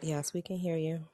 Yes, we can hear you.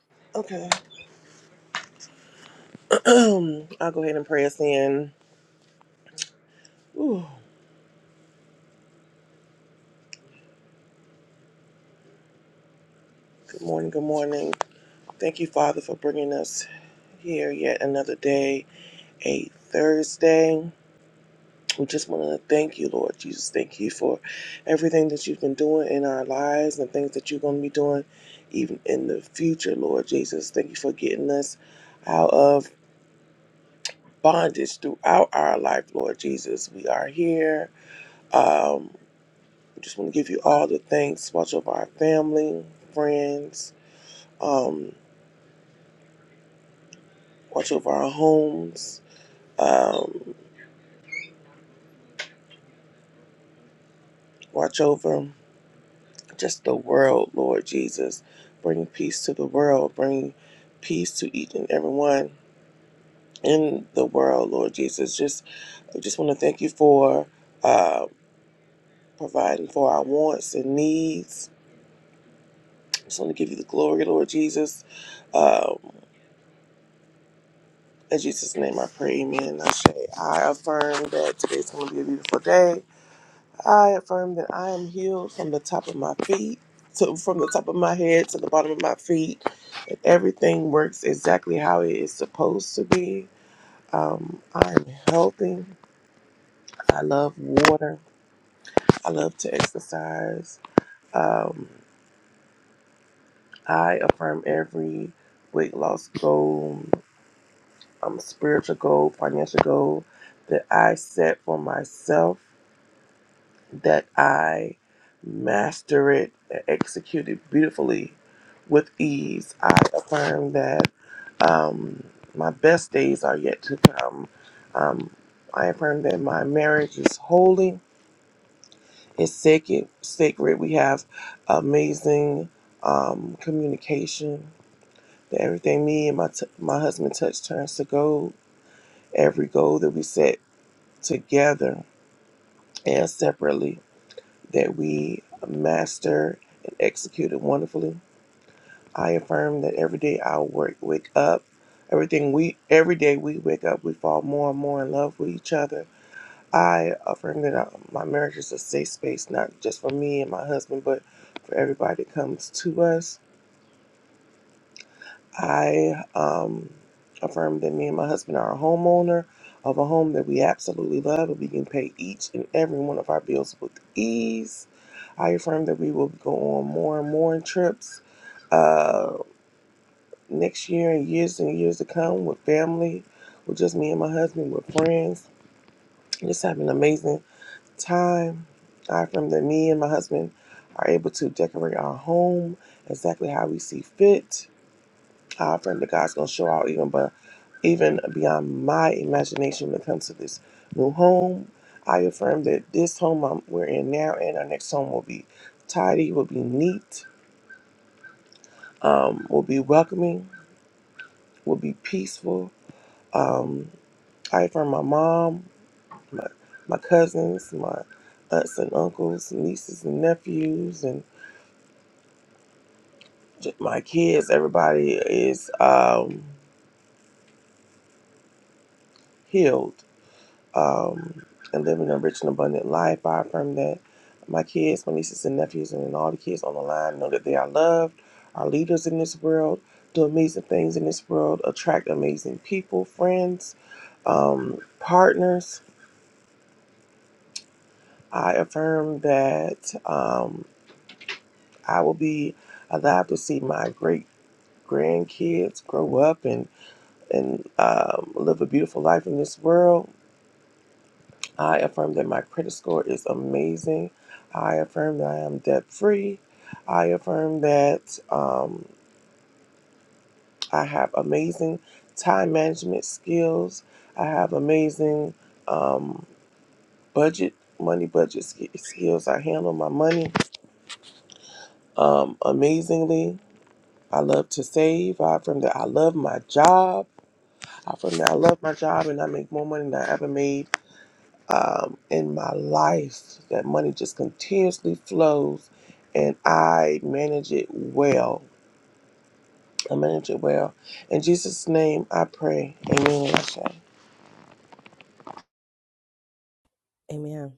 Amen.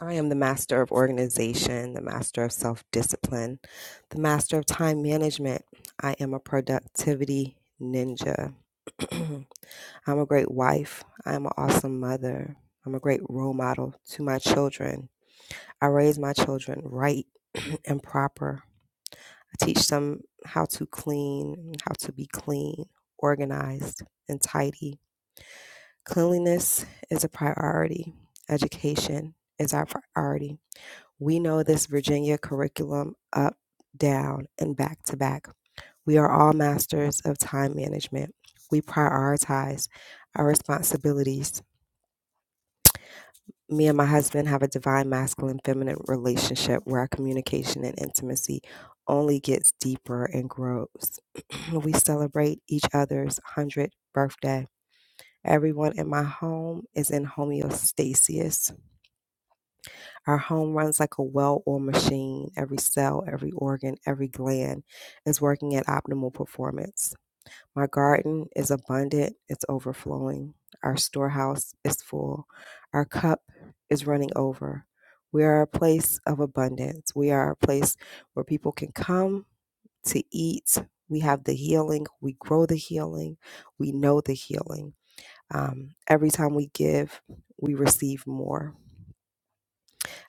I am the master of organization, the master of self discipline, the master of time management. I am a productivity ninja. I'm a great wife. I am an awesome mother. I'm a great role model to my children. I raise my children right and proper. I teach them how to clean, how to be clean, organized, and tidy. Cleanliness is a priority. Education is our priority. We know this Virginia curriculum up, down, and back to back. We are all masters of time management. We prioritize our responsibilities. Me and my husband have a divine masculine feminine relationship where our communication and intimacy only gets deeper and grows. we celebrate each other's 100th birthday. Everyone in my home is in homeostasis Our home runs like a well oiled machine. Every cell, every organ, every gland is working at optimal performance. My garden is abundant, it's overflowing. Our storehouse is full. Our cup is running over. We are a place of abundance. We are a place where people can come to eat. We have the healing. We grow the healing. We know the healing. Um, every time we give, we receive more.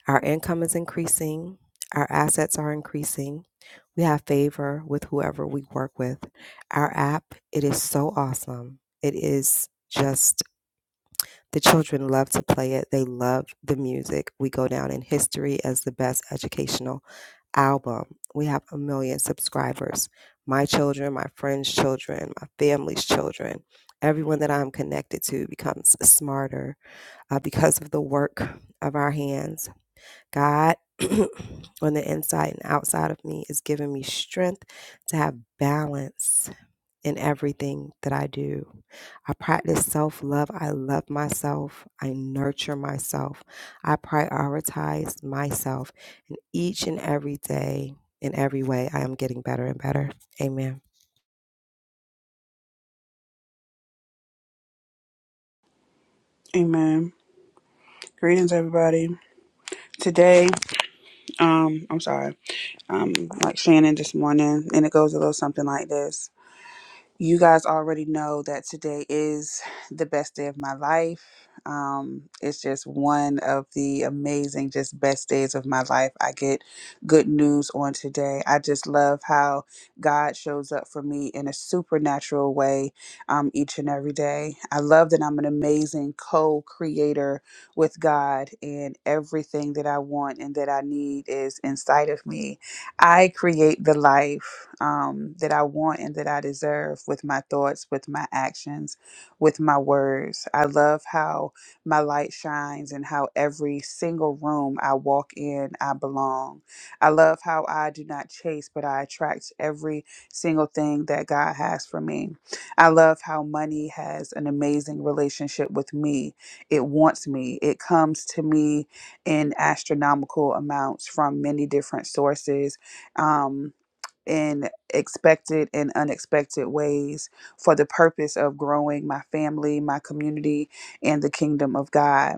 Our income is increasing, our assets are increasing. We have favor with whoever we work with. Our app, it is so awesome. It is just the children love to play it. They love the music. We go down in history as the best educational album. We have a million subscribers. My children, my friends' children, my family's children, everyone that I'm connected to becomes smarter uh, because of the work of our hands God on the inside and outside of me is giving me strength to have balance in everything that I do. I practice self love. I love myself. I nurture myself. I prioritize myself. And each and every day, in every way, I am getting better and better. Amen. Amen. Greetings, everybody. Today, um, I'm sorry, I'm like Shannon this morning, and it goes a little something like this. You guys already know that today is the best day of my life. Um, it's just one of the amazing, just best days of my life. I get good news on today. I just love how God shows up for me in a supernatural way um, each and every day. I love that I'm an amazing co creator with God, and everything that I want and that I need is inside of me. I create the life um, that I want and that I deserve with my thoughts, with my actions, with my words. I love how my light shines and how every single room I walk in, I belong. I love how I do not chase, but I attract every single thing that God has for me. I love how money has an amazing relationship with me. It wants me, it comes to me in astronomical amounts from many different sources um, in expected and unexpected ways for the purpose of growing my family, my community, and the kingdom of God.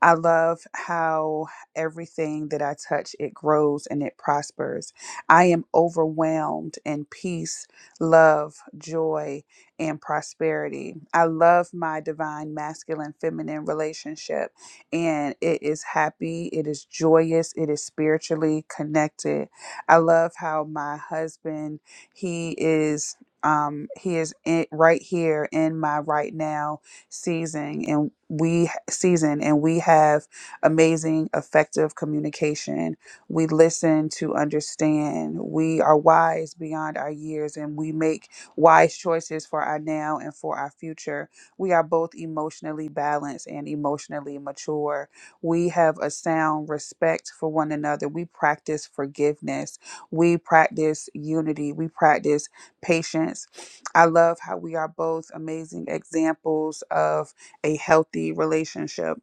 I love how everything that I touch, it grows and it prospers. I am overwhelmed in peace, love, joy, and prosperity. I love my divine masculine feminine relationship and it is happy, it is joyous, it is spiritually connected I love how my husband, he is um he is in, right here in my right now season and we season and we have amazing effective communication we listen to understand we are wise beyond our years and we make wise choices for our now and for our future we are both emotionally balanced and emotionally mature we have a sound respect for one another we practice forgiveness we practice unity, we practice patience. I love how we are both amazing examples of a healthy relationship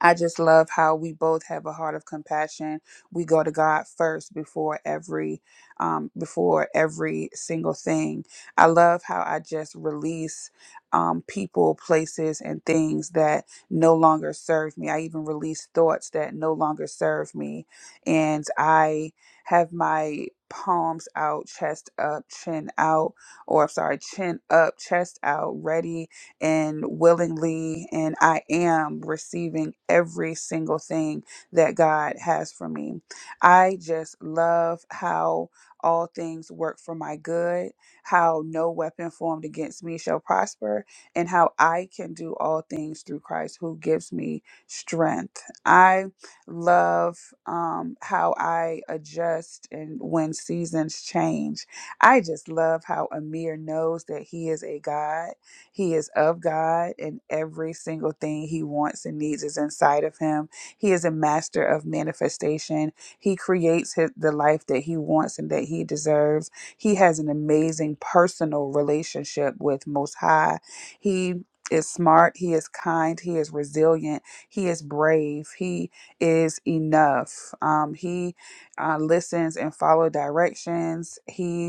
I just love how we both have a heart of compassion. We go to God first before every um before every single thing. I love how I just release um people, places and things that no longer serve me. I even release thoughts that no longer serve me and I have my palms out, chest up, chin out, or I'm sorry, chin up, chest out, ready and willingly and I am receiving every single thing that God has for me. I just love how all things work for my good, how no weapon formed against me shall prosper, and how I can do all things through Christ who gives me strength. I love um, how I adjust and when seasons change. I just love how Amir knows that he is a God he is of God, and every single thing he wants and needs is inside of him. He is a master of manifestation. He creates his, the life that he wants and that he deserves. He has an amazing personal relationship with Most High. He is smart, he is kind, he is resilient, he is brave, he is enough. Um, he uh, listens and follow directions. He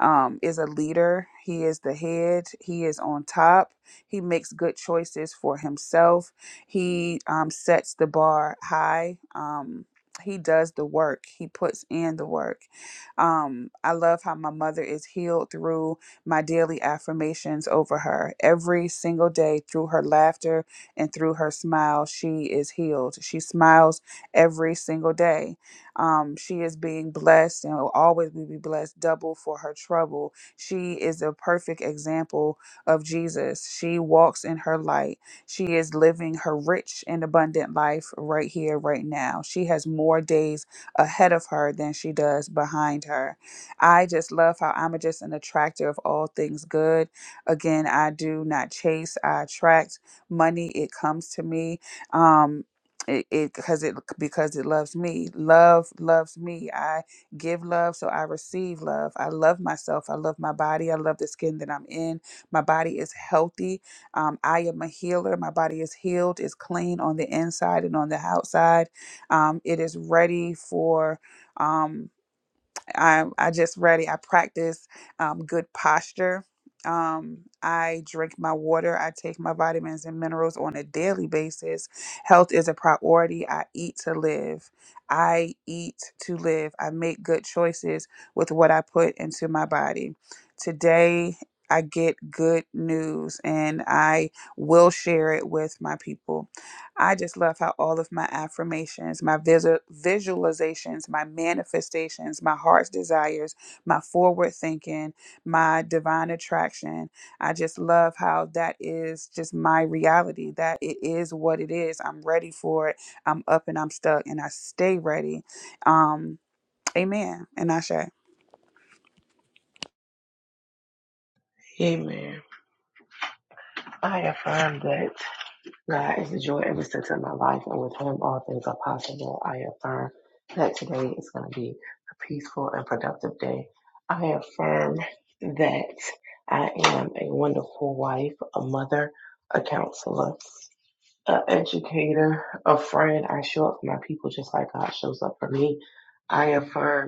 um, is a leader. He is the head. He is on top. He makes good choices for himself. He um, sets the bar high. Um, he does the work. He puts in the work. Um, I love how my mother is healed through my daily affirmations over her. Every single day, through her laughter and through her smile, she is healed. She smiles every single day um, she is being blessed and will always be blessed double for her trouble. She is a perfect example of Jesus. She walks in her light. She is living her rich and abundant life right here, right now. She has more days ahead of her than she does behind her. I just love how I'm just an attractor of all things good. Again, I do not chase, I attract money, it comes to me. Um, it because it, 'cause it because it loves me love loves me i give love so i receive love i love myself i love my body i love the skin that i'm in my body is healthy um, i am a healer my body is healed is clean on the inside and on the outside um, it is ready for um, I I just ready. I practice um, good posture. Um, I drink my water. I take my vitamins and minerals on a daily basis. Health is a priority. I eat to live. I eat to live. I make good choices with what I put into my body. Today, I get good news and I will share it with my people. I just love how all of my affirmations, my visu- visualizations, my manifestations, my heart's desires, my forward thinking, my divine attraction, I just love how that is just my reality, that it is what it is. I'm ready for it. I'm up and I'm stuck and I stay ready. Um, amen. And I share. Amen. I affirm that God is the joy every sense of my life, and with Him all things are possible. I affirm that today is going to be a peaceful and productive day. I affirm that I am a wonderful wife, a mother, a counselor, an educator, a friend. I show up for my people just like God shows up for me. I affirm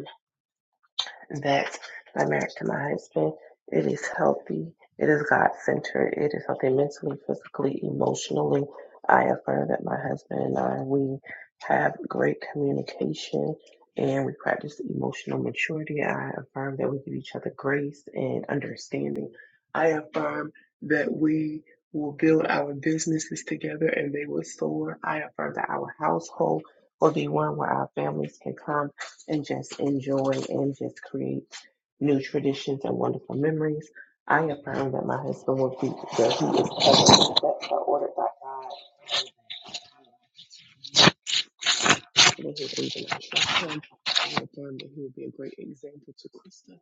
that my marriage to my husband it is healthy it is god centered it is healthy mentally physically emotionally i affirm that my husband and i we have great communication and we practice emotional maturity i affirm that we give each other grace and understanding i affirm that we will build our businesses together and they will soar i affirm that our household will be one where our families can come and just enjoy and just create new traditions and wonderful memories. I affirm that my husband will be that he is covered, that are ordered by God. That his angel will him. I affirm that he will be a great example to Krista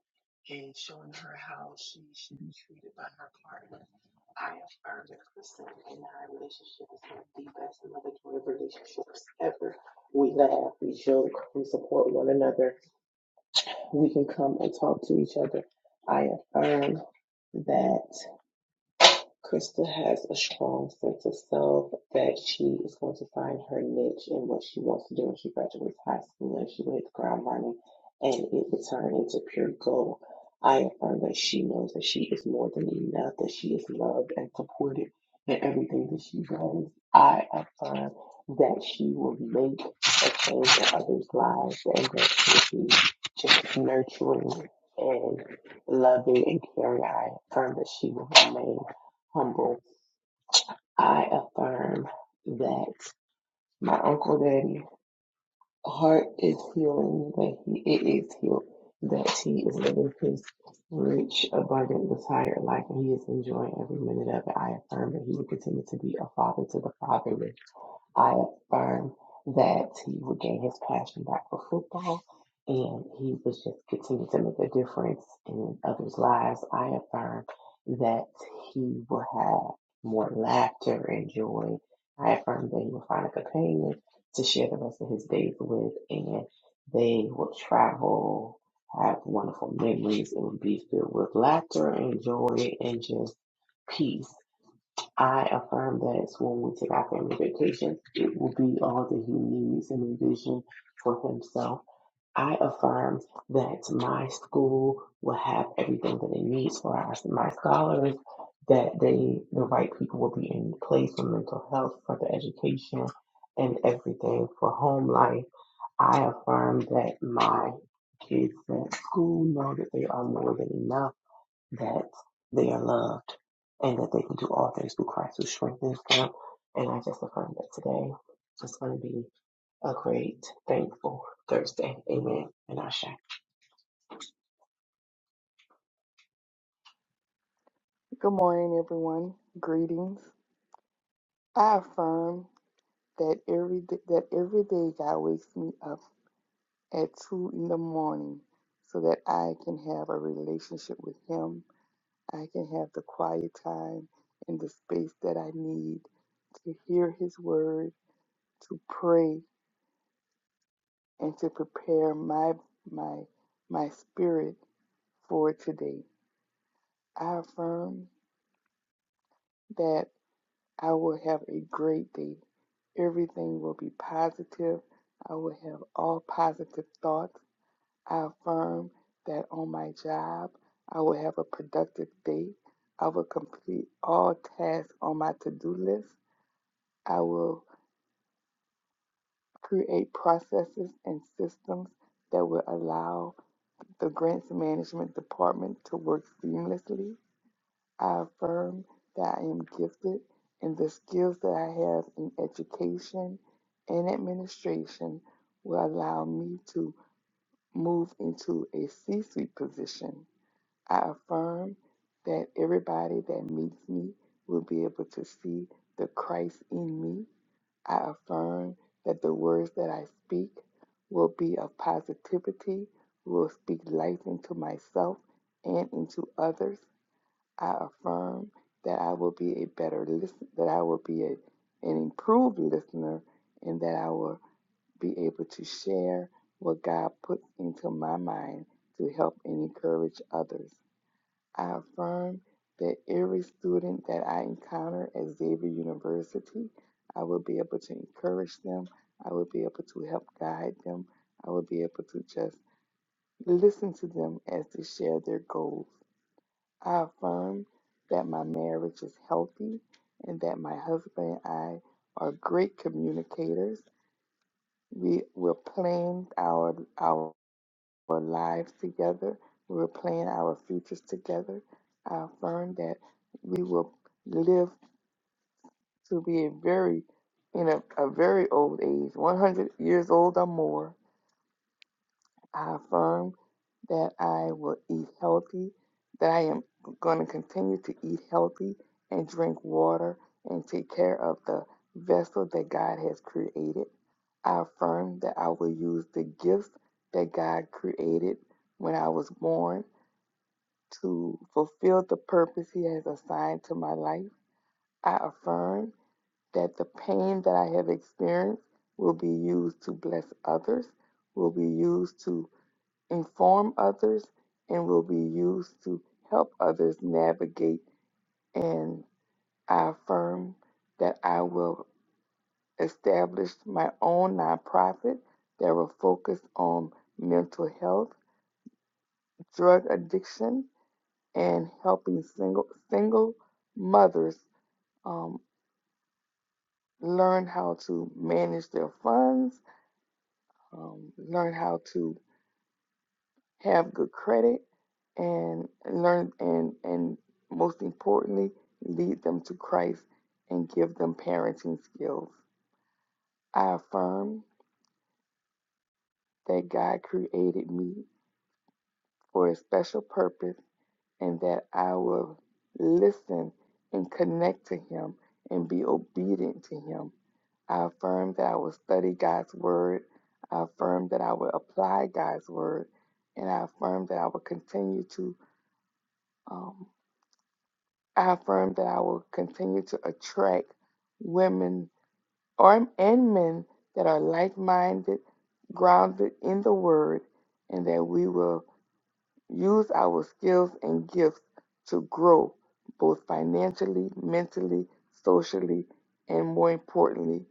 in showing her how she should be treated by her partner. I affirm that Krista and I relationship is one of the best and loving relationships ever. We laugh, we joke, we support one another, we can come and talk to each other. I affirm that Krista has a strong sense of self that she is going to find her niche and what she wants to do when she graduates high school and she hits ground running and it will turn into pure gold. I affirm that she knows that she is more than enough, that she is loved and supported in everything that she does. I affirm that she will make a change in others' lives and that she will be just nurturing and loving and caring. I affirm that she will remain humble. I affirm that my uncle daddy heart is healing, that he it is healed, that he is living his rich, abundant, desired life, and he is enjoying every minute of it. I affirm that he will continue to be a father to the fatherless I affirm that he would gain his passion back for football and he would just continue to make a difference in others' lives. I affirm that he will have more laughter and joy. I affirm that he will find a companion to share the rest of his days with and they will travel, have wonderful memories, and be filled with laughter and joy and just peace. I affirm that when we take our family vacations, it will be all that he needs and envision for himself. I affirm that my school will have everything that it needs for our, my scholars, that they, the right people will be in place for mental health, for the education, and everything for home life. I affirm that my kids at school know that they are more than enough that they are loved and that they can do all things through Christ who strengthens them. And I just affirm that today it's going to be a great, thankful Thursday. Amen. And I Good morning, everyone. Greetings. I affirm that every day, that every day God wakes me up at two in the morning, so that I can have a relationship with Him. I can have the quiet time and the space that I need to hear His word, to pray, and to prepare my my my spirit for today. I affirm that. I will have a great day. Everything will be positive. I will have all positive thoughts. I affirm that on my job, I will have a productive day. I will complete all tasks on my to do list. I will create processes and systems that will allow the grants management department to work seamlessly. I affirm that I am gifted and the skills that I have in education and administration will allow me to move into a C suite position. I affirm that everybody that meets me will be able to see the Christ in me. I affirm that the words that I speak will be of positivity, will speak life into myself and into others. I affirm that I will be a better listener, that I will be a, an improved listener, and that I will be able to share what God puts into my mind to help and encourage others. I affirm that every student that I encounter at Xavier University, I will be able to encourage them. I will be able to help guide them. I will be able to just listen to them as they share their goals. I affirm that my marriage is healthy and that my husband and I are great communicators. We will plan our our lives together. We will plan our futures together. I affirm that we will live to be a very in a, a very old age, 100 years old or more I affirm that I will eat healthy, that I am going to continue to eat healthy and drink water and take care of the vessel that God has created. I affirm that I will use the gifts that God created when I was born to fulfill the purpose He has assigned to my life. I affirm that the pain that I have experienced will be used to bless others, will be used to inform others, and will be used to help others navigate. And I affirm that I will establish my own nonprofit that will focus on mental health, drug addiction, and helping single single mothers um, learn how to manage their funds, um, learn how to have good credit, and learn and and most importantly, lead them to Christ and give them parenting skills. I affirm that God created me for a special purpose and that I will listen and connect to him and be obedient to him. I affirm that I will study God's word. I affirm that I will apply God's word. And I affirm that I will continue to um, I affirm that I will continue to attract women or and men that are like-minded, grounded in the Word, and that we will use our skills and gifts to grow both financially, mentally, socially, and more importantly,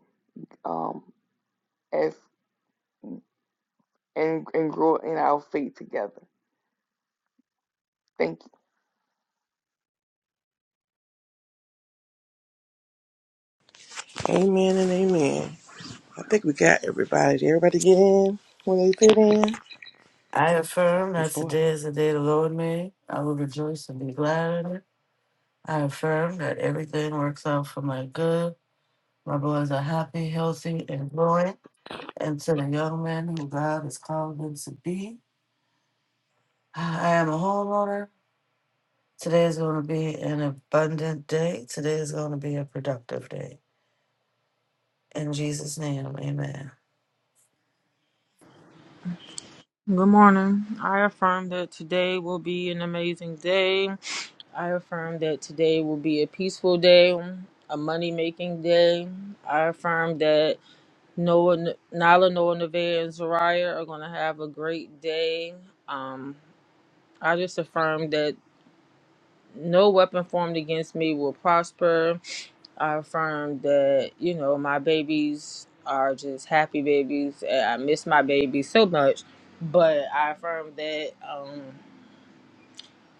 um, as and, and grow in our faith together. Thank you. I affirm that today is the day the Lord made. I will rejoice and be glad in it. I affirm that everything works out for my good. My boys are happy, healthy, and growing. And to the young men who God has called them to be, I am a homeowner. Today is going to be an abundant day. Today is going to be a productive day. In Jesus' name, amen. Good morning. I affirm that today will be an amazing day. I affirm that today will be a peaceful day, a money making day. I affirm that Noah, Nala, Noah, Nevaeh, and Zariah are going to have a great day. Um, I just affirm that no weapon formed against me will prosper. I affirm that, you know, my babies are just happy babies. and I miss my babies so much, but I affirm that. Um,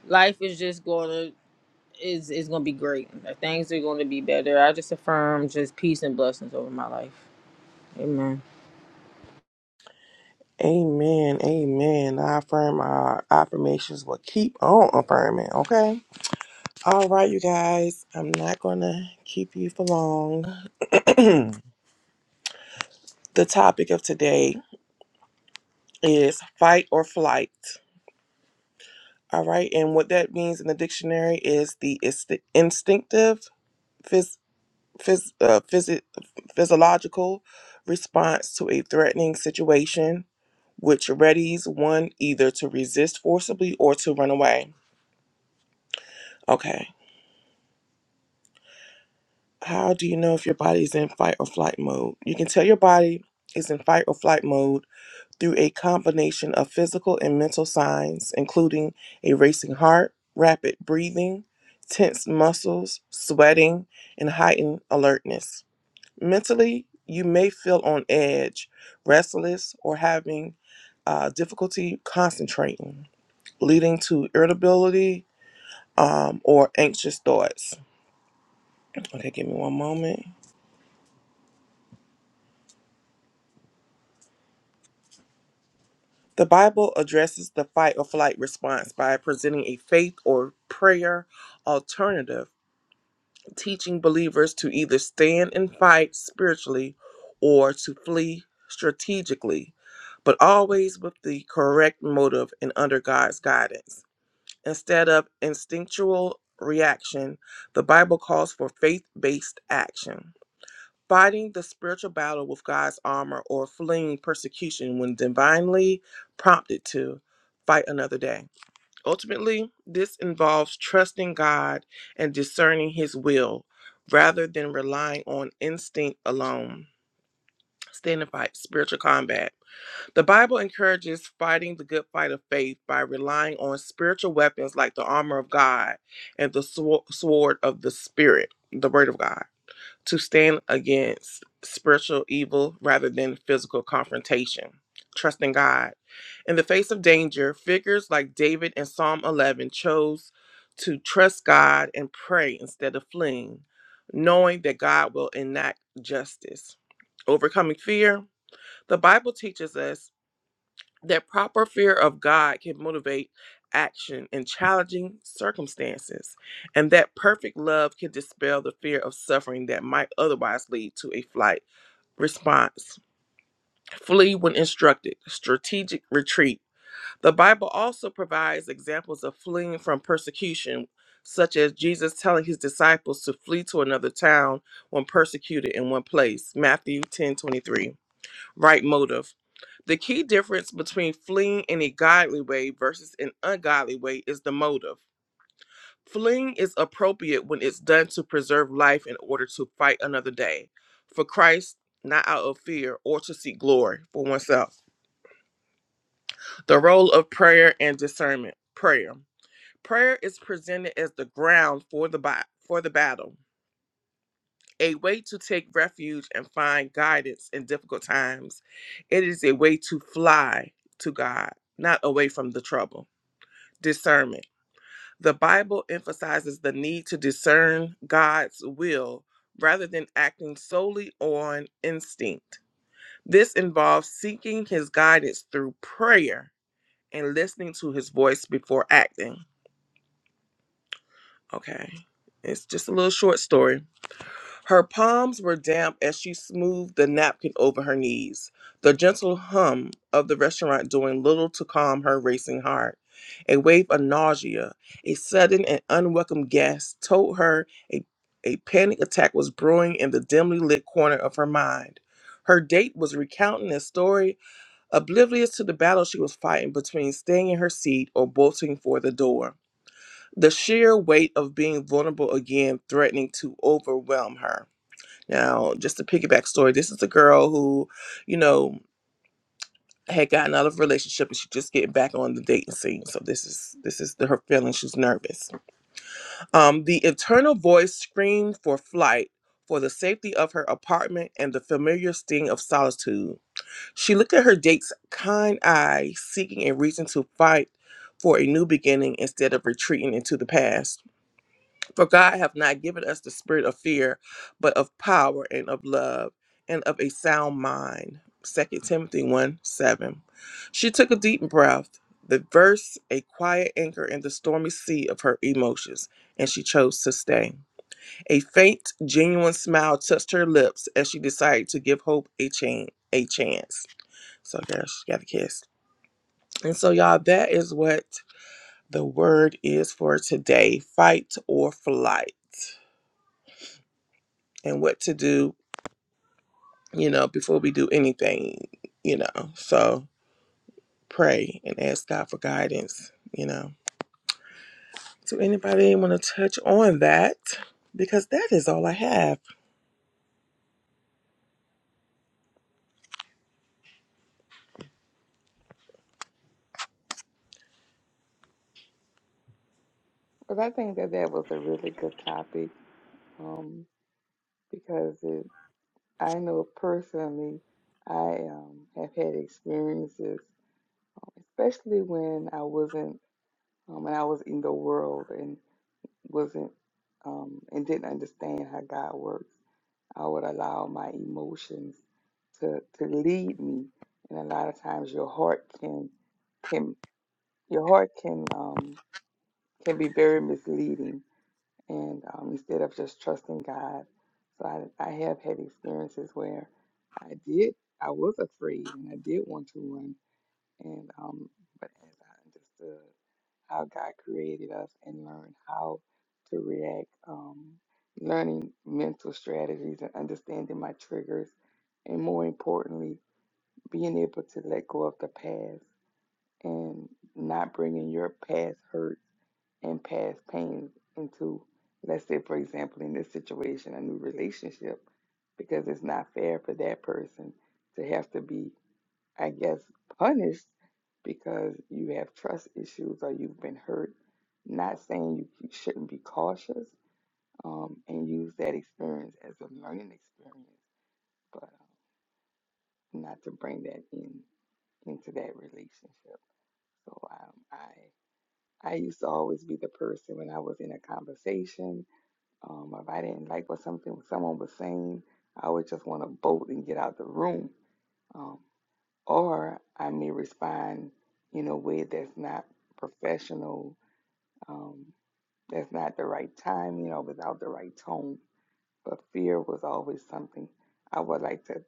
life is just gonna is is gonna be great. Things are gonna be better. I just affirm just peace and blessings over my life. Amen. But I think that that was a really good topic um, because it I know personally, I um, have had experiences, especially when I wasn't, um, when I was in the world and wasn't, um, and didn't understand how God works. I would allow my emotions to to lead me, and a lot of times your heart can can your heart can um can be very misleading and um, instead of just trusting God. So I, I have had experiences where I did, I was afraid and I did want to run. And, um, but as I understood how God created us and learned how to react, um, learning mental strategies and understanding my triggers, and more importantly, being able to let go of the past and not bringing your past hurts and past pains into, let's say, for example, in this situation, a new relationship, because it's not fair for that person to have to be, I guess, punished because you have trust issues or you've been hurt. Not saying you you shouldn't be cautious um, and use that experience as a learning experience, but uh, not to bring that in into that relationship. So um, I used to always be the person when I was in a conversation. Um, if I didn't like what something someone was saying, I would just want to bolt and get out the room. Um, or I may respond in a way that's not professional, um, that's not the right time, you know, without the right tone. But fear was always something I would like to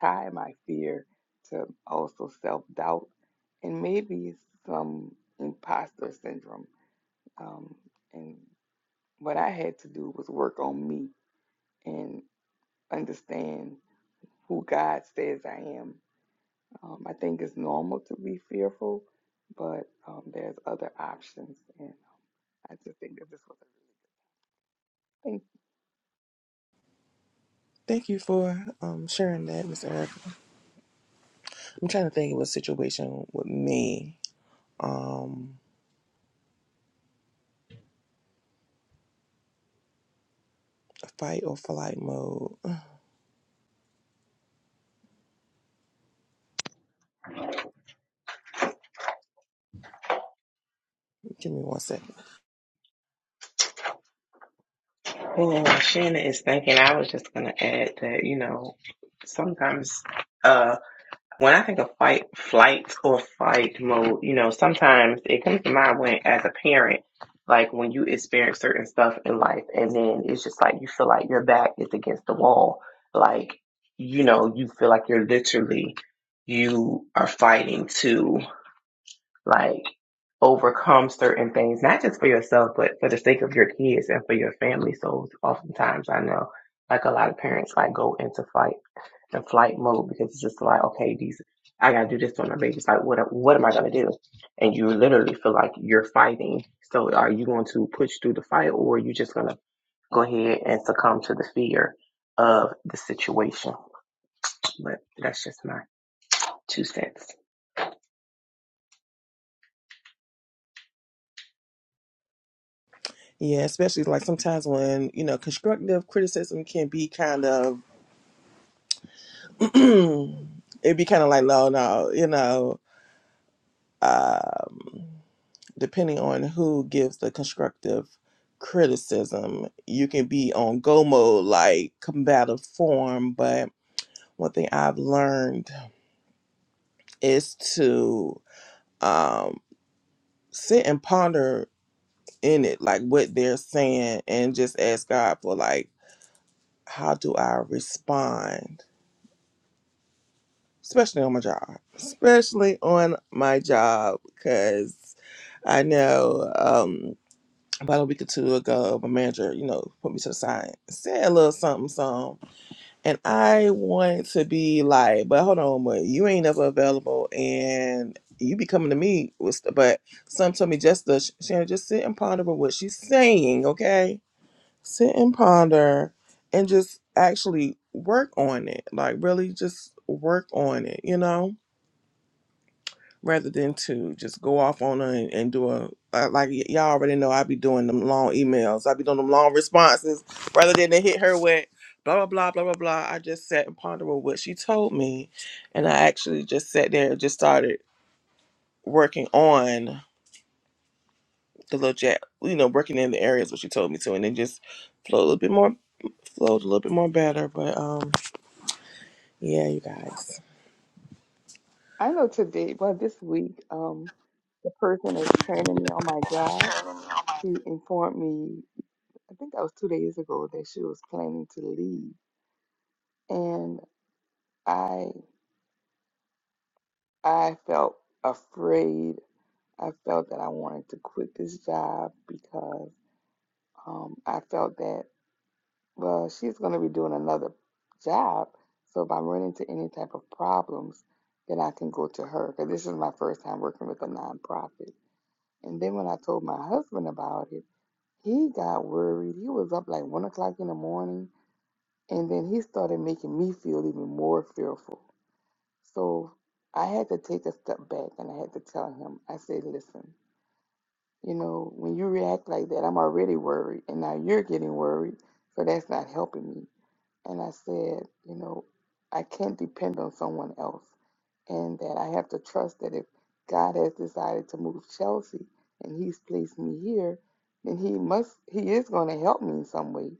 tie my fear to also self doubt and maybe some imposter syndrome um, and what I had to do was work on me and understand who God says I am. Um, I think it's normal to be fearful, but um, there's other options. And um, I just think that this was a really thing. Amen. Well, Shannon is thinking I was just going to add that, you know, sometimes. uh When I think of fight, flight or fight mode, you know, sometimes it comes to mind when, as a parent, like when you experience certain stuff in life, and then it's just like you feel like your back is against the wall, like you know, you feel like you're literally you are fighting to like overcome certain things, not just for yourself, but for the sake of your kids and for your family. So oftentimes, I know like a lot of parents like go into fight the flight mode because it's just like, okay, these, I gotta do this for my baby. It's Like, what, what am I gonna do? And you literally feel like you're fighting. So, are you going to push through the fight, or are you just gonna go ahead and succumb to the fear of the situation? But that's just my two cents. I know today, well, this week, um, the person that's training me on my job, she informed me, I think that was two days ago, that she was planning to leave. And I, I felt afraid I felt that I wanted to quit this job because um, I felt that, well, she's going to be doing another job. So if I run into any type of problems, then I can go to her because this is my first time working with a nonprofit. And then when I told my husband about it, he got worried. He was up like one o'clock in the morning, and then he started making me feel even more fearful. So I had to take a step back and I had to tell him, I said, listen. You know, when you react like that, I'm already worried, and now you're getting worried, so that's not helping me. And I said, you know, I can't depend on someone else, and that I have to trust that if God has decided to move Chelsea and He's placed me here, then He must, He is going to help me in some way.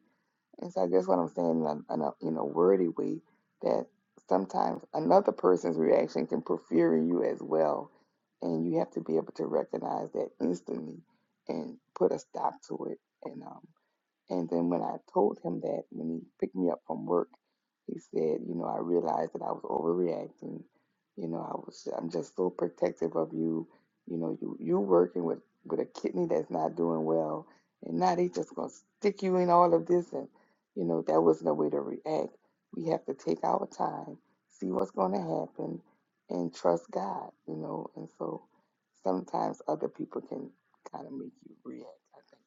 And so I guess what I'm saying in a, in a in a wordy way that sometimes another person's reaction can prefer you as well, and you have to be able to recognize that instantly and put a stop to it. And um, and then when I told him that, when he picked me up from work, he said, you know, I realized that I was overreacting. You know, I was, I'm just so protective of you. You know, you you're working with with a kidney that's not doing well, and now they just gonna stick you in all of this, and you know, that wasn't a way to react. We have to take our time, see what's gonna happen, and trust God. You know, and so sometimes other people can kind of make you react. I think.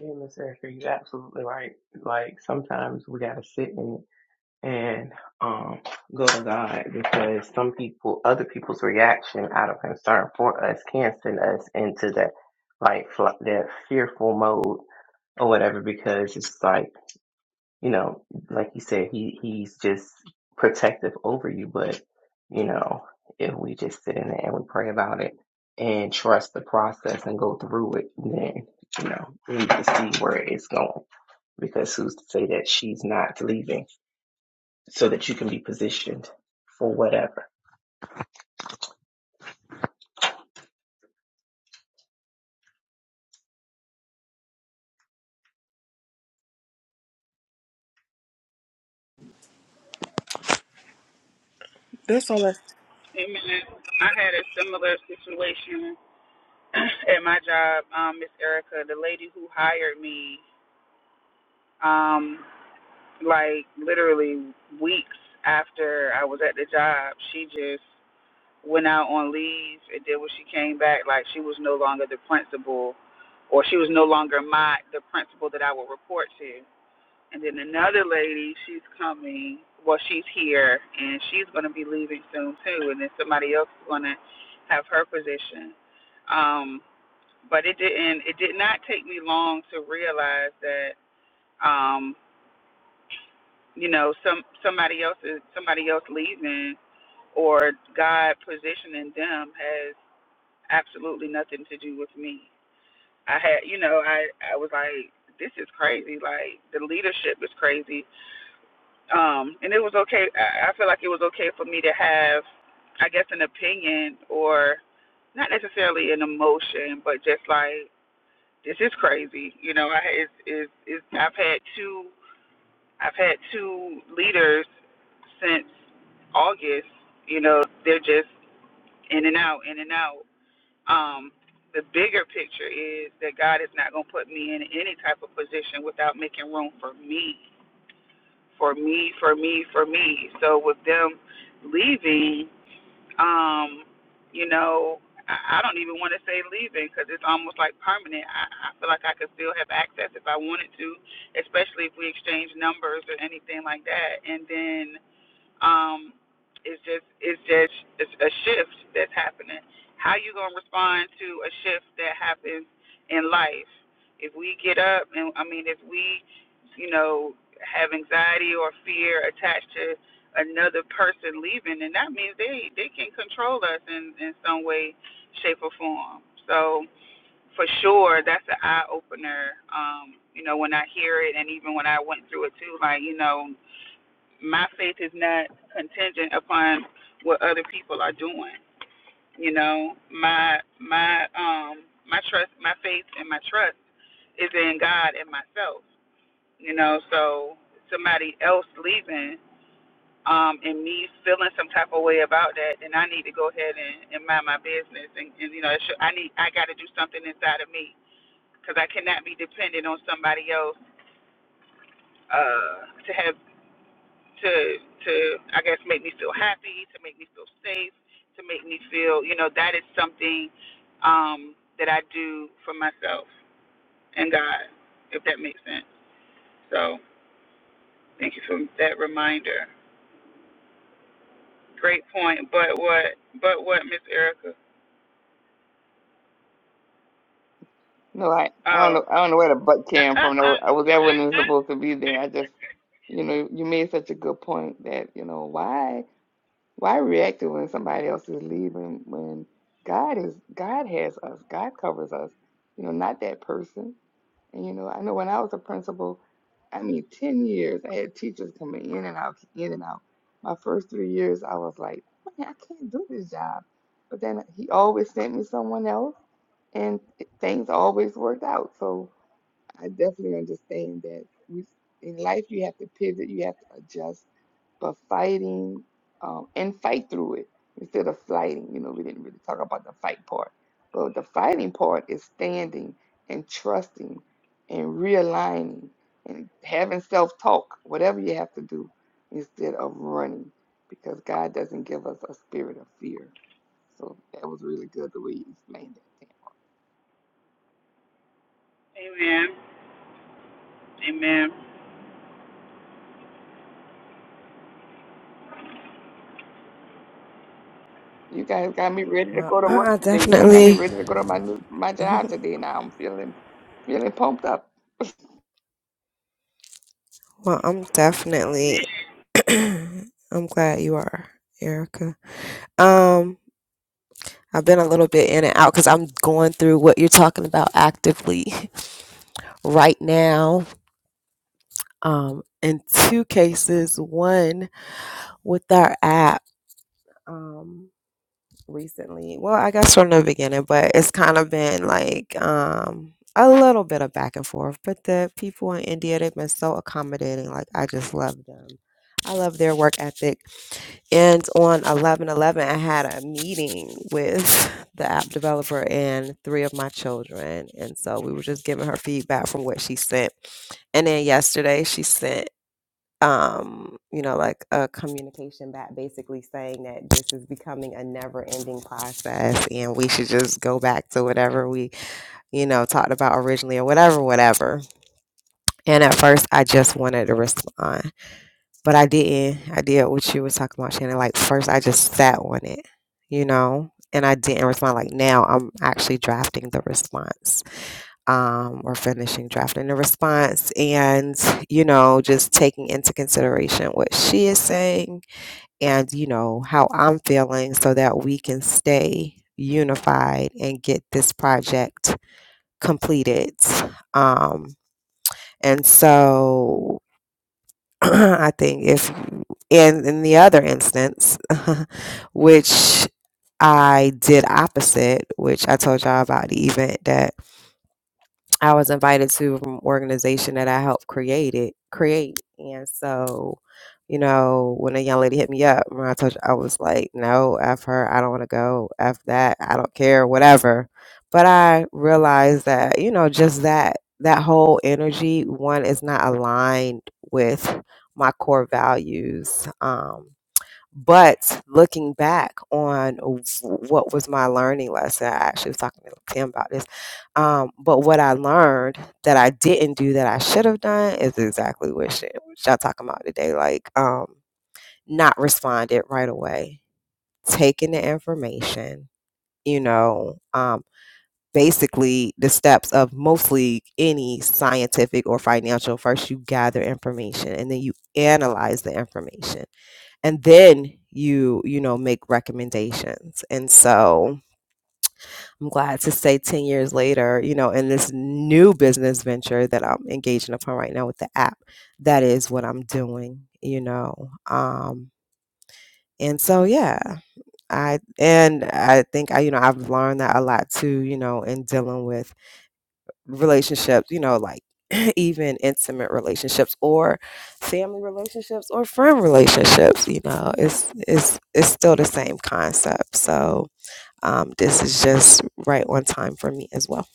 Yeah, Miss Erica, you're absolutely right. Like sometimes we gotta sit and. and um, go to God because some people, other people's reaction out of concern for us can send us into that like fl- that fearful mode or whatever because it's like you know, like you said, he he's just protective over you, but you know, if we just sit in it and we pray about it and trust the process and go through it, then you know, we need to see where it's going because who's to say that she's not leaving? so that you can be positioned for whatever. Amen. I had a similar situation at my job, um, Miss Erica, the lady who hired me. Um, like literally weeks after I was at the job, she just went out on leave and then when she came back, like she was no longer the principal or she was no longer my the principal that I would report to. And then another lady, she's coming well, she's here and she's gonna be leaving soon too and then somebody else is gonna have her position. Um but it didn't it did not take me long to realize that um, you know some somebody else is somebody else leaving or God positioning them has absolutely nothing to do with me. I had you know I I was like this is crazy like the leadership is crazy um and it was okay I, I feel like it was okay for me to have I guess an opinion or not necessarily an emotion but just like this is crazy you know I is is is I've had two I've had two leaders since August. You know, they're just in and out, in and out. Um, the bigger picture is that God is not going to put me in any type of position without making room for me, for me, for me, for me. So with them leaving, um, you know, I, I don't even want to say leaving because it's almost like permanent. I, I feel like I could still have access if I wanted to, especially if we exchange numbers or anything like that. And then um, it's just it's just it's a shift that's happening. How you gonna respond to a shift that happens in life? If we get up and I mean if we, you know, have anxiety or fear attached to another person leaving, then that means they they can control us in in some way, shape or form. So for sure, that's an eye opener. Um, you know, when I hear it, and even when I went through it too, like you know, my faith is not contingent upon what other people are doing. You know, my my um my trust, my faith, and my trust is in God and myself. You know, so somebody else leaving um and me feeling some type of way about that, then I need to go ahead and, and mind my business. And, and you know, it should, I need I got to do something inside of me because I cannot be dependent on somebody else uh, to have to to I guess make me feel happy, to make me feel safe, to make me feel you know that is something um, that I do for myself and God, if that makes sense. So thank you for that reminder. Great point. But what? But what, Miss Erica? No, I, I don't Oh. know. I don't know where the butt came from. No, I was that wasn't supposed to be there. I just, you know, you made such a good point that, you know, why why react to when somebody else is leaving when God is God has us. God covers us. You know, not that person. And you know, I know when I was a principal, I mean, 10 years, I had teachers coming in and out, in and out. My first three years, I was like, man, I can't do this job. But then he always sent me someone else and it- things always worked out. So I definitely understand that we in life you have to pivot, you have to adjust, but fighting um, and fight through it instead of fighting. You know, we didn't really talk about the fight part, but the fighting part is standing and trusting and realigning and having self-talk, whatever you have to do, instead of running, because God doesn't give us a spirit of fear. So that was really good the way you explained that. Amen. Amen. You guys got me ready to Well, go to work I today. Y'all got me definitely. ready to go to my new my job today. Now I'm feeling feeling pumped up. Well, I'm definitely. I'm glad you are, Erica. Um, I've been a little bit in and out because I'm going through what you're talking about actively right now. Um, in two cases, one with our app um, recently. Well, I guess from the beginning, but it's kind of been like um, a little bit of back and forth. But the people in India, they've been so accommodating. Like, I just love them. I love their work ethic And on 11 11, I had a meeting with the app developer and three of my children. And so we were just giving her feedback from what she sent. And then yesterday, she sent, um, you know, like a communication back basically saying that this is becoming a never ending process and we should just go back to whatever we, you know, talked about originally or whatever, whatever. And at first, I just wanted to respond. But I didn't. I did what you were talking about, Shannon. Like first, I just sat on it, you know, and I didn't respond. Like now, I'm actually drafting the response, um, or finishing drafting the response, and you know, just taking into consideration what she is saying, and you know how I'm feeling, so that we can stay unified and get this project completed. Um, and so I think if in in the other instance, which I did opposite, which I told y'all about the event that I was invited to from an organization that I helped create it, create. And so, you know, when a young lady hit me up, when I told you, I was like, no, F her, I don't want to go, F that, I don't care, whatever. But I realized that, you know, just that, that whole energy, one is not aligned with my core values. Um, but looking back on w- what was my learning lesson, I actually was talking to Tim about this. Um, but what I learned that I didn't do that I should have done is exactly what sh- what y'all talking about today. Like, um, not responded right away, taking the information, you know, um, basically the steps of mostly any scientific or financial. First, you gather information and then you analyze the information and then you you know make recommendations and so i'm glad to say 10 years later you know in this new business venture that i'm engaging upon right now with the app that is what i'm doing you know um and so yeah i and i think i you know i've learned that a lot too you know in dealing with relationships, you know, like even intimate relationships or family relationships or friend relationships, you know, it's it's it's still the same concept. So um, this is just right on time for me as well.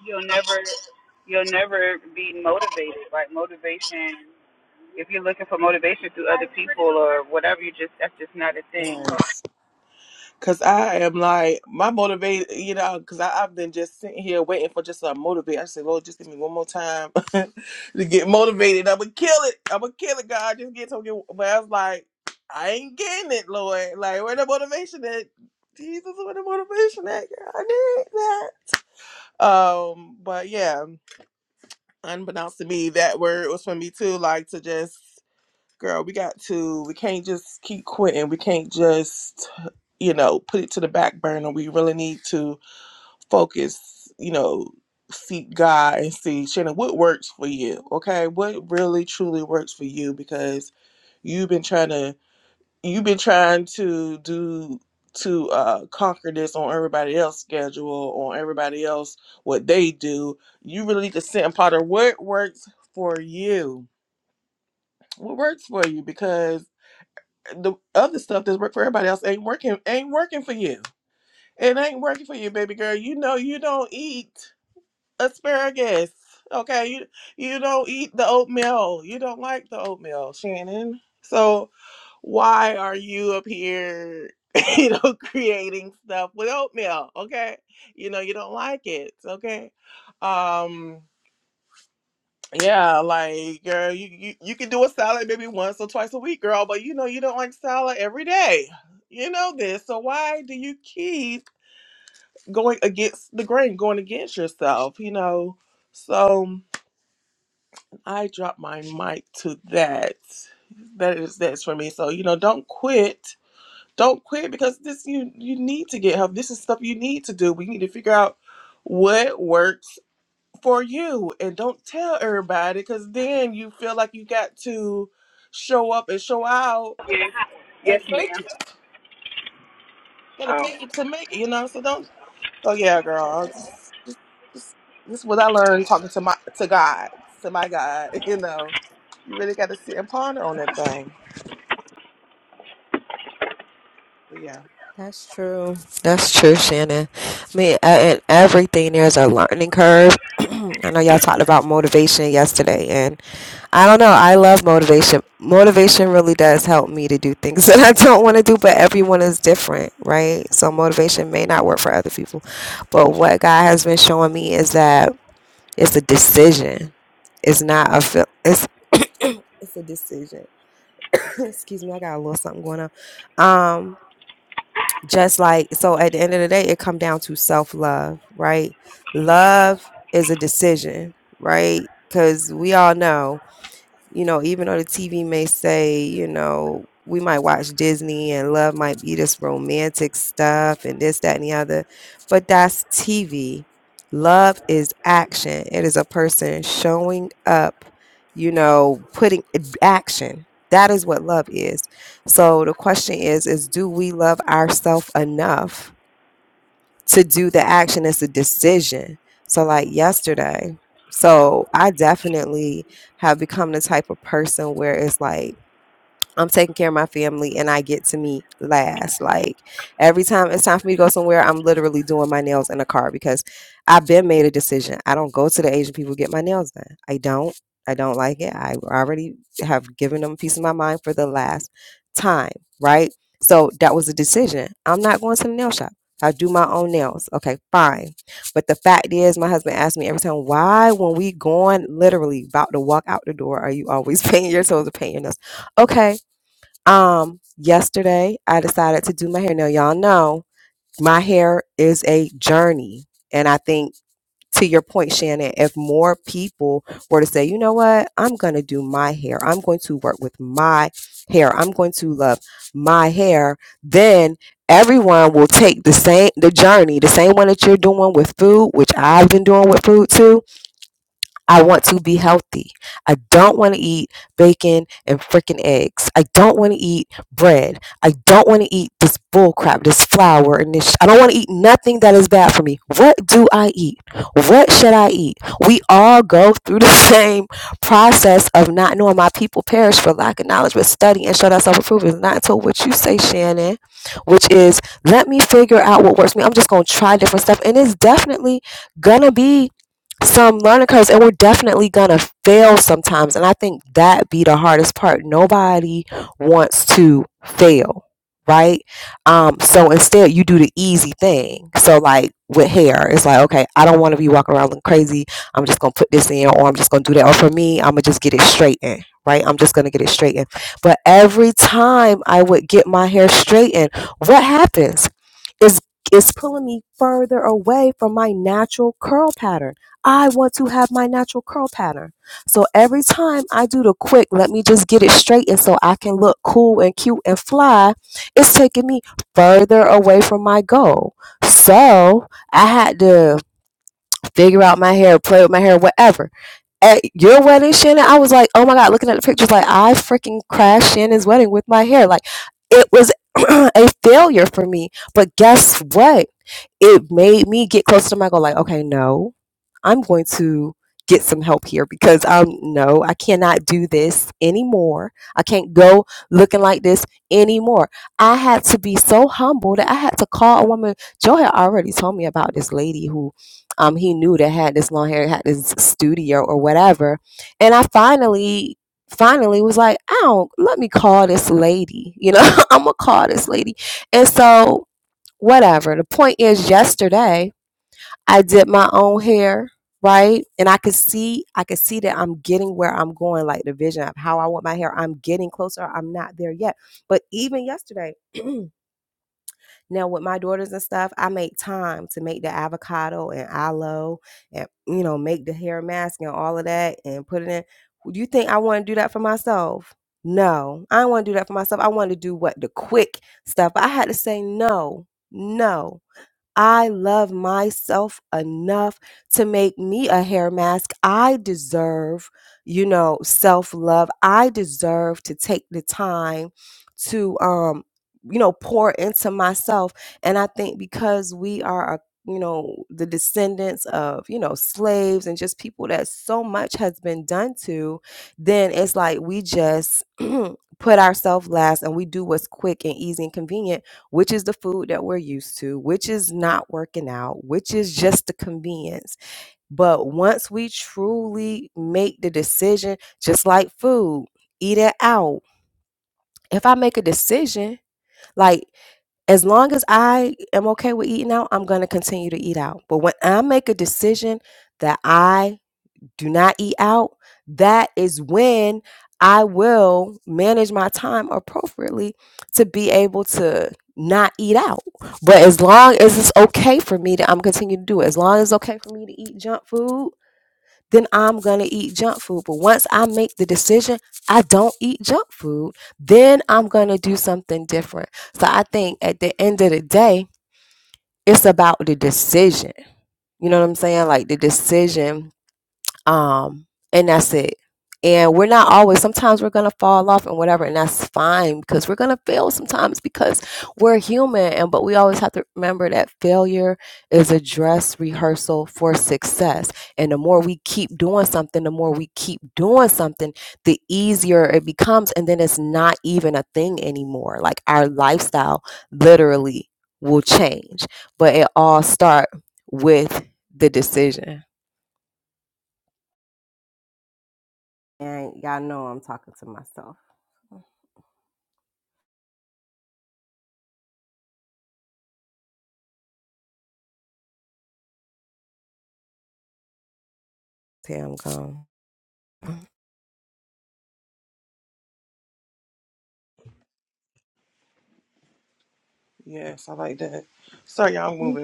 You'll never you'll never be motivated. Like motivation if you're looking for motivation through other people or whatever, you just that's just not a thing. Yes, yes ma'am. Oh. That's true. That's true, Shannon. I mean, a- in everything, there's a learning curve. I know y'all talked about motivation yesterday, and. I don't know. I love motivation. Motivation really does help me to do things that I don't want to do, but everyone is different, right? So motivation may not work for other people. But what God has been showing me is that it's a decision. It's not a feel it's it's a decision. Excuse me, I got a little something going on. Um just like so at the end of the day it come down to self-love, right? Love is a decision, right? Cuz we all know you know, even though the TV may say, you know, we might watch Disney and love might be this romantic stuff and this, that, and the other, but that's TV. Love is action. It is a person showing up, you know, putting eh, action. That is what love is. So the question is, is do we love ourselves enough to do the action it's a decision so like yesterday so i definitely have become the type of person where it's like I'm taking care of my family and I get to meet last. Like every time it's time for me to go somewhere, I'm literally doing my nails in a car because I've been made a decision. I don't go to the Asian people to get my nails done. I don't. I don't like it. I already have given them a piece of my mind for the last time, right? So that was a decision. I'm not going to the nail shop. I do my own nails. Okay, fine. But the fact is, my husband asks me every time, why, when we going literally about to walk out the door, are you always painting your toes or painting your nails? Okay, um, yesterday I decided to do my hair. Now y'all know my hair is a journey. And I think to your point, Shannon, if more people were to say, you know what, I'm gonna do my hair, I'm going to work with my hair, I'm going to love my hair, then everyone will take the same the journey, the same one that you're doing with food, which I've been doing with food too I want to be healthy. I don't want to eat bacon and freaking eggs. I don't want to eat bread. I don't want to eat this bull crap, this flour, and this. Sh- I don't want to eat nothing that is bad for me. What do I eat? What should I eat? We all go through the same process of not knowing. My people perish for lack of knowledge, but study and show thyself approved is not until what you say, Shannon, which is let me figure out what works for me. I'm just gonna try different stuff, and it's definitely gonna be some learning curves and we're definitely gonna fail sometimes and i think that be the hardest part nobody wants to fail right um so instead you do the easy thing so like with hair it's like okay i don't want to be walking around looking crazy i'm just gonna put this in or i'm just gonna do that or for me i'm gonna just get it straightened right i'm just gonna get it straightened but every time i would get my hair straightened what happens is is pulling me further away from my natural curl pattern. I want to have my natural curl pattern. So every time I do the quick, let me just get it straight and so I can look cool and cute and fly, it's taking me further away from my goal. So I had to figure out my hair, play with my hair, whatever at your wedding, Shannon, I was like, oh my God, looking at the pictures, like, I freaking crashed Shannon's wedding with my hair. Like, it was a failure for me. But guess what? It made me get closer to my goal. Like, okay, no, I'm going to get some help here because I'm, no, I cannot do this anymore. I can't go looking like this anymore. I had to be so humble that I had to call a woman. Joe had already told me about this lady who um, he knew that I had this long hair, had this studio or whatever. And I finally, finally was like, I don't, let me call this lady. You know, I'm going to call this lady. And so, whatever. The point is, yesterday, I did my own hair. Right. And I could see, I could see that I'm getting where I'm going, like the vision of how I want my hair. I'm getting closer. I'm not there yet. But even yesterday, Now with my daughters and stuff, I make time to make the avocado and aloe and you know, make the hair mask and all of that and put it in. Do you think I want to do that for myself? No, I don't want to do that for myself. I want to do what the quick stuff. But I had to say no, no. I love myself enough to make me a hair mask. I deserve, you know, self love. I deserve to take the time to, um, you know, pour into myself. And I think because we are, a, you know, the descendants of, you know, slaves and just people that so much has been done to, then it's like we just put ourselves last and we do what's quick and easy and convenient which is the food that we're used to, which is not working out, which is just the convenience. But once we truly make the decision, just like food, eat it out. If I make a decision, like as long as I am okay with eating out, I'm going to continue to eat out. But when I make a decision that I do not eat out, that is when I will manage my time appropriately to be able to not eat out. But as long as it's okay for me to, I'm continuing to do it. As long as it's okay for me to eat junk food, then I'm gonna eat junk food. But once I make the decision, I don't eat junk food, then I'm gonna do something different. So I think at the end of the day, it's about the decision. You know what I'm saying? Like the decision um and that's it and we're not always sometimes we're gonna fall off and whatever and that's fine because we're gonna fail sometimes because we're human and but we always have to remember that failure is a dress rehearsal for success and the more we keep doing something the more we keep doing something the easier it becomes and then it's not even a thing anymore like our lifestyle literally will change but it all start with the decision And y'all know I'm talking to myself. Till I'm gone. Mm. Mm.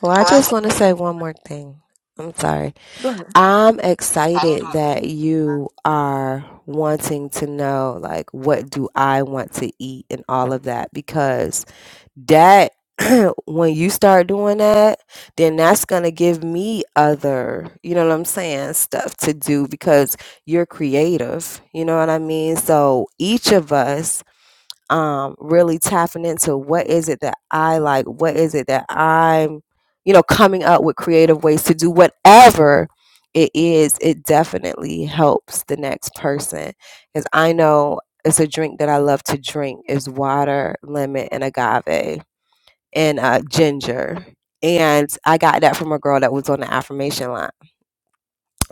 Well, I Tell just want to say one more thing. I'm sorry. I'm excited that you are wanting to know like what do I want to eat and all of that because that when you start doing that, then that's going to give me other, you know what I'm saying, stuff to do because you're creative, you know what I mean? So each of us um, really tapping into what is it that I like, what is it that I'm, you know, coming up with creative ways to do whatever it is, it definitely helps the next person. Because I know it's a drink that I love to drink is water, lemon, and agave and uh, ginger. And I got that from a girl that was on the affirmation line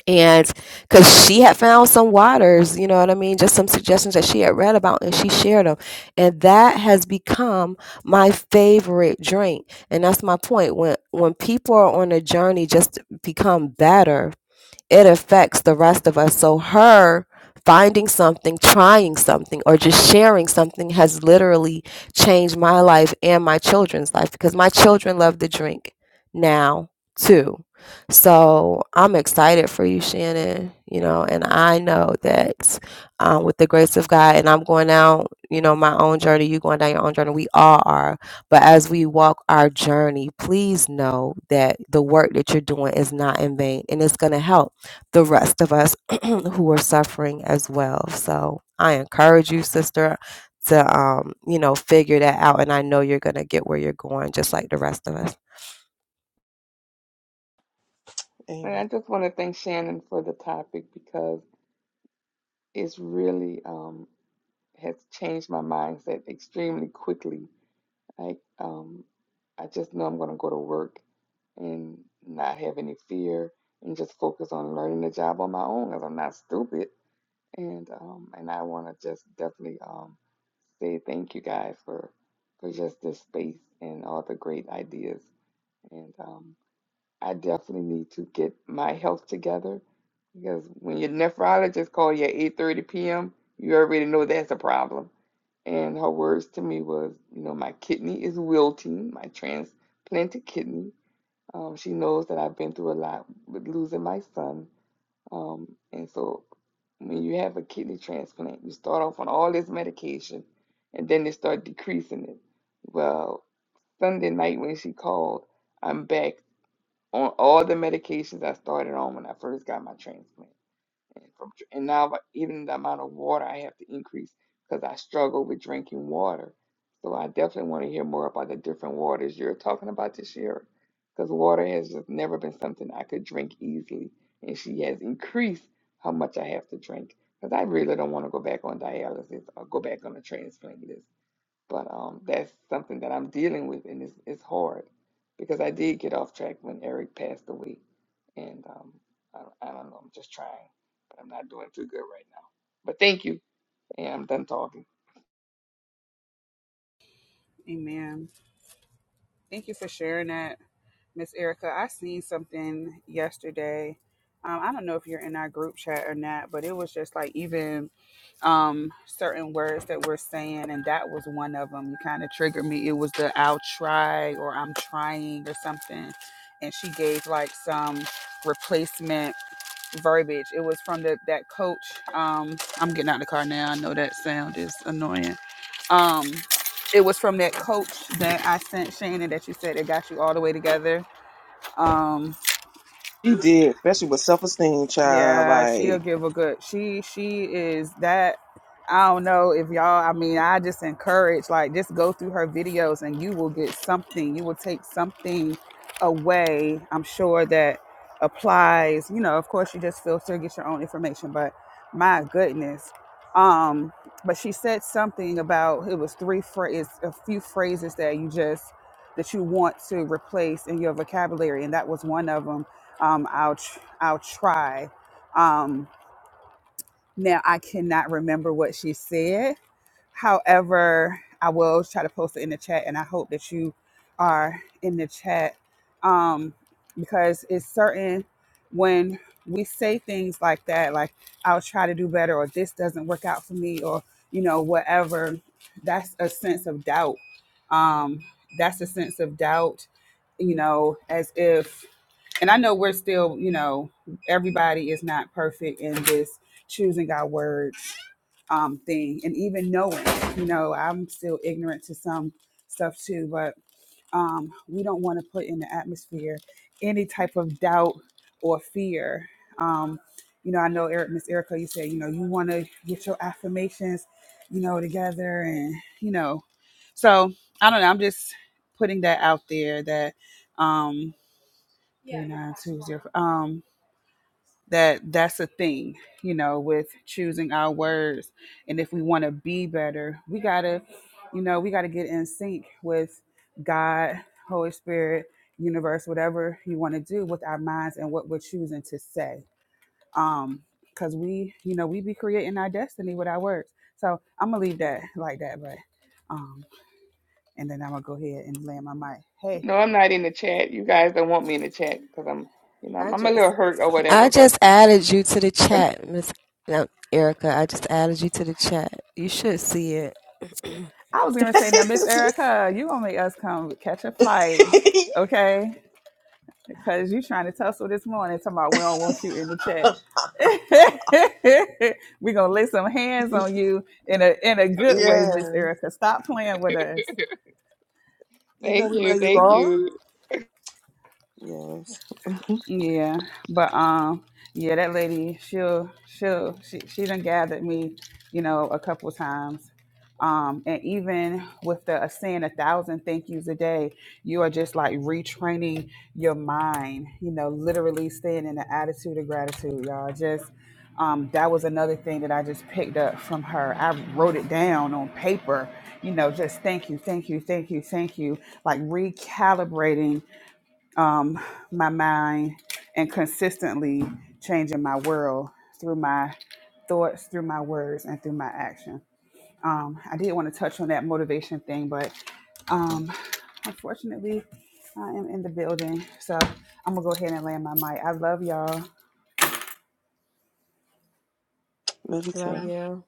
and because she had found some waters, you know what I mean, just some suggestions that she had read about, and she shared them, and that has become my favorite drink. And that's my point. When when people are on a journey, just to become better, it affects the rest of us. So her finding something, trying something, or just sharing something has literally changed my life and my children's life because my children love to drink now too. So I'm excited for you, Shannon. You know, and I know that um, with the grace of God, and I'm going down, you know, my own journey. You going down your own journey. We all are. But as we walk our journey, please know that the work that you're doing is not in vain, and it's going to help the rest of us who are suffering as well. So I encourage you, sister, to um, you know, figure that out. And I know you're gonna get where you're going, just like the rest of us. And I just want to thank Shannon for the topic because it's really um has changed my mindset extremely quickly. Like um I just know I'm going to go to work and not have any fear and just focus on learning the job on my own because I'm not stupid. And um, and I want to just definitely um, say thank you guys for for just this space and all the great ideas. And um, I definitely need to get my health together because when your nephrologist call you at 8:30 p.m., you already know that's a problem. And her words to me was, you know, my kidney is wilting, my transplanted kidney. Um, she knows that I've been through a lot with losing my son um, and so when you have a kidney transplant, you start off on all this medication and then they start decreasing it. Well, Sunday night when she called, I'm back on all the medications I started on when I first got my transplant and from and now even the amount of water I have to increase because I struggle with drinking water. So I definitely want to hear more about the different waters you're talking about this year because water has just never been something I could drink easily, and she has increased how much I have to drink because I really don't want to go back on dialysis or go back on the transplant list but um, that's something that I'm dealing with, and it's it's hard because I did get off track when Eric passed away, and um, I, I don't know. I'm just trying, but I'm not doing too good right now. But thank you, and I'm done talking. Amen. Thank you for sharing that. Miss Erica, I seen something yesterday. Um, I don't know if you're in our group chat or not, but it was just like even um, certain words that we're saying, and that was one of them. You kind of triggered me. It was the "I'll try" or "I'm trying" or something, and she gave like some replacement verbiage. It was from the that coach. Um, I'm getting out of the car now. I know that sound is annoying. Um, it was from that coach that I sent Shannon that you said it got you all the way together um, yeah, she'll give a good. She she is that. I don't know if y'all. I mean, I just encourage like just go through her videos and you will get something. You will take something away. I'm sure that applies. You know, of course, you just filter, get your own information. But my goodness, um, but she said something about it was three phrases, a few phrases that you just that you want to replace in your vocabulary, and that was one of them. Um, I'll tr- I'll try. Um, now I cannot remember what she said. However, I will try to post it in the chat, and I hope that you are in the chat um, because it's certain when we say things like that, like I'll try to do better, or this doesn't work out for me, or you know whatever. That's a sense of doubt. Um, that's a sense of doubt. You know, as if and I know we're still, you know, everybody is not perfect in this choosing our words um, thing, and even knowing, you know, I'm still ignorant to some stuff too. But um, we don't want to put in the atmosphere any type of doubt or fear. Um, you know, I know Eric, Miss Erica, you said, you know, you want to get your affirmations, you know, together, and you know, so I don't know. I'm just putting that out there that. Um, three nine two zero. Um, that that's a thing, you know, with choosing our words, and if we want to be better, we gotta, you know, we gotta get in sync with God, Holy Spirit, universe, whatever you want to do with our minds and what we're choosing to say. Um, cause we, you know, we be creating our destiny with our words. So I'm gonna leave that like that, but um, and then I'm gonna go ahead and land my mic. Hey. No, I'm not in the chat. You guys don't want me in the chat because I'm, you know, I I'm, I'm a little just hurt or I whatever. But just added you to the chat, Miss no, Erica. I just added you to the chat. You should see it. I was gonna say now, Miss Erica, you gonna make us come catch a flight, okay? Because you trying to tussle this morning, talking about we don't want you in the chat. we gonna lay some hands on you in a in a good way, Miss Erica. Stop playing with us. thank you, thank you, Yeah, but um, yeah, that lady, she'll she'll she she done gathered me, you know, a couple times. Um, and even with the uh, saying a thousand thank yous a day, you are just like retraining your mind, you know, literally staying in the attitude of gratitude, y'all. Just um, that was another thing that I just picked up from her. I wrote it down on paper, you know, just thank you, thank you, thank you, thank you, like recalibrating um, my mind and consistently changing my world through my thoughts, through my words, and through my action. Um, I did want to touch on that motivation thing, but um, unfortunately, I am in the building. So I'm going to go ahead and land my mic. I love y'all. Love you.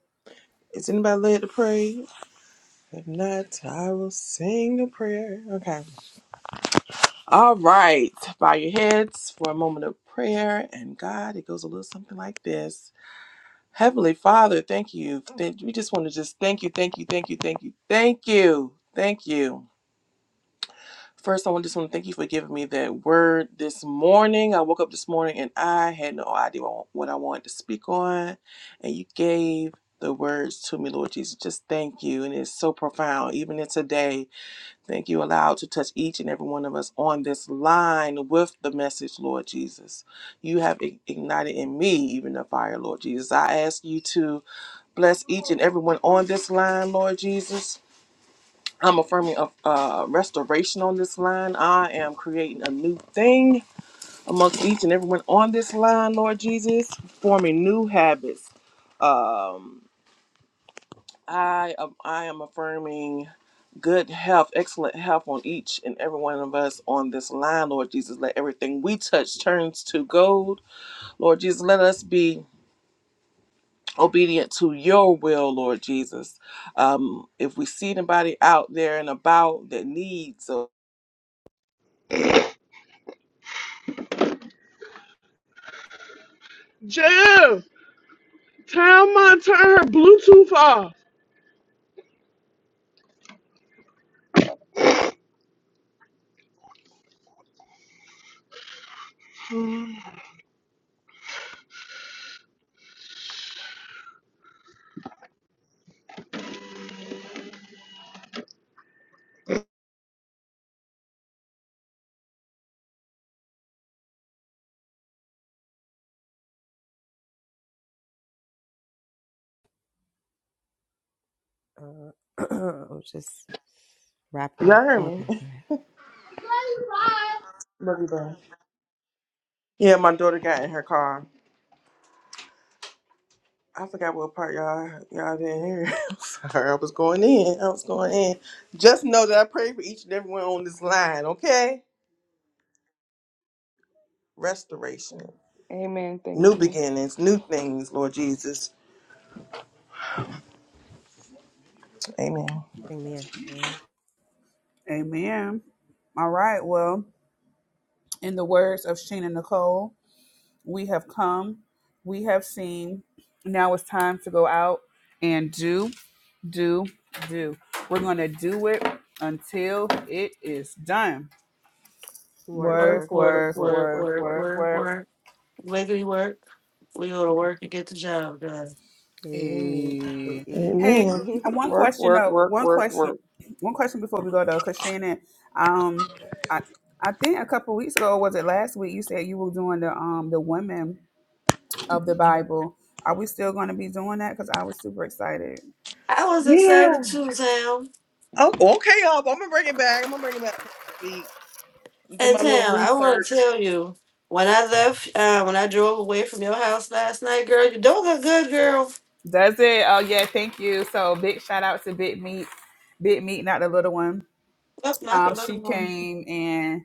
my turn her Bluetooth off. Uh, I'll just wrap it up. Okay, go ahead. Amen. Thank you. Amen. Yeah. Amen. All right. Well, in the words of Sheena Nicole, We have come, we have seen. Now it's time to go out and do, do, do. We're going to do it until it is done. Work, Work, Work, work, work, work, work, work, work, work, work, work, work. work, work, work. work. Wiggly work. We go to Okay. work and get the job done. Hey, me. Hey. Hey, hey, one Work, question work, though. work, One work, question. work. One question before we go though, because Shannon, um, I I think a couple weeks ago, was it last week? You said you were doing the um the women of the Bible. Are we still going to be doing that? Because I was super excited. I was excited too, Tam. And Tam, I want to tell you, when I left, uh, when I drove away from your house last night, girl, you don't look good, girl. Does it? Oh yeah, thank you. So big shout out to Big Meat, Big Meat, not the little one. Oh, not the Um, she little one. came and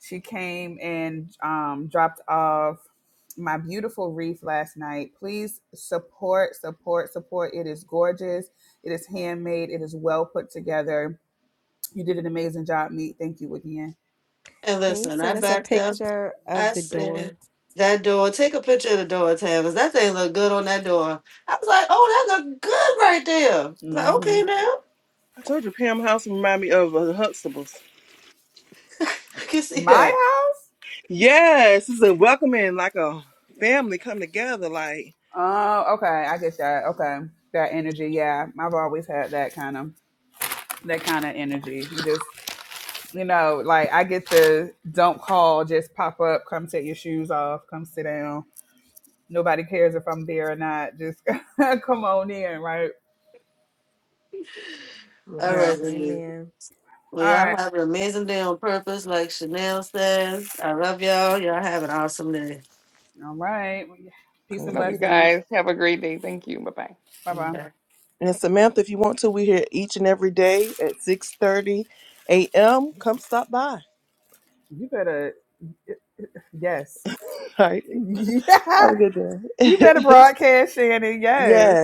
she came and um dropped off my beautiful wreath last night. Please support, support, support. It is gorgeous. It is handmade. It is well put together. You did an amazing job, Meat. Thank you again. And Can you listen, I send us a backed up. picture of I the door? said, that door, take a picture of the door, Tam, 'cause that thing look good on that door. I was like, oh, that look good right there. I was like, hmm okay, now I can see My that. house. Oh, okay. I get that. Okay, that energy. Yeah, I've always had that kind of that kind of energy. You just you know, like I get the don't call, just pop up, come take your shoes off, come sit down. Nobody cares if I'm there or not. Just come on in, right? All Yeah. All right, ladies. Amen. Well, y'all right. have an amazing day on purpose, like Chanel said. I love y'all. Y'all have an awesome day. All right. Well, yeah. Peace and Love you blessings. guys. Have a great day. Thank you. Bye bye. Bye bye. Bye. You better, yes. Yeah. you better broadcast, Shannon. Yes.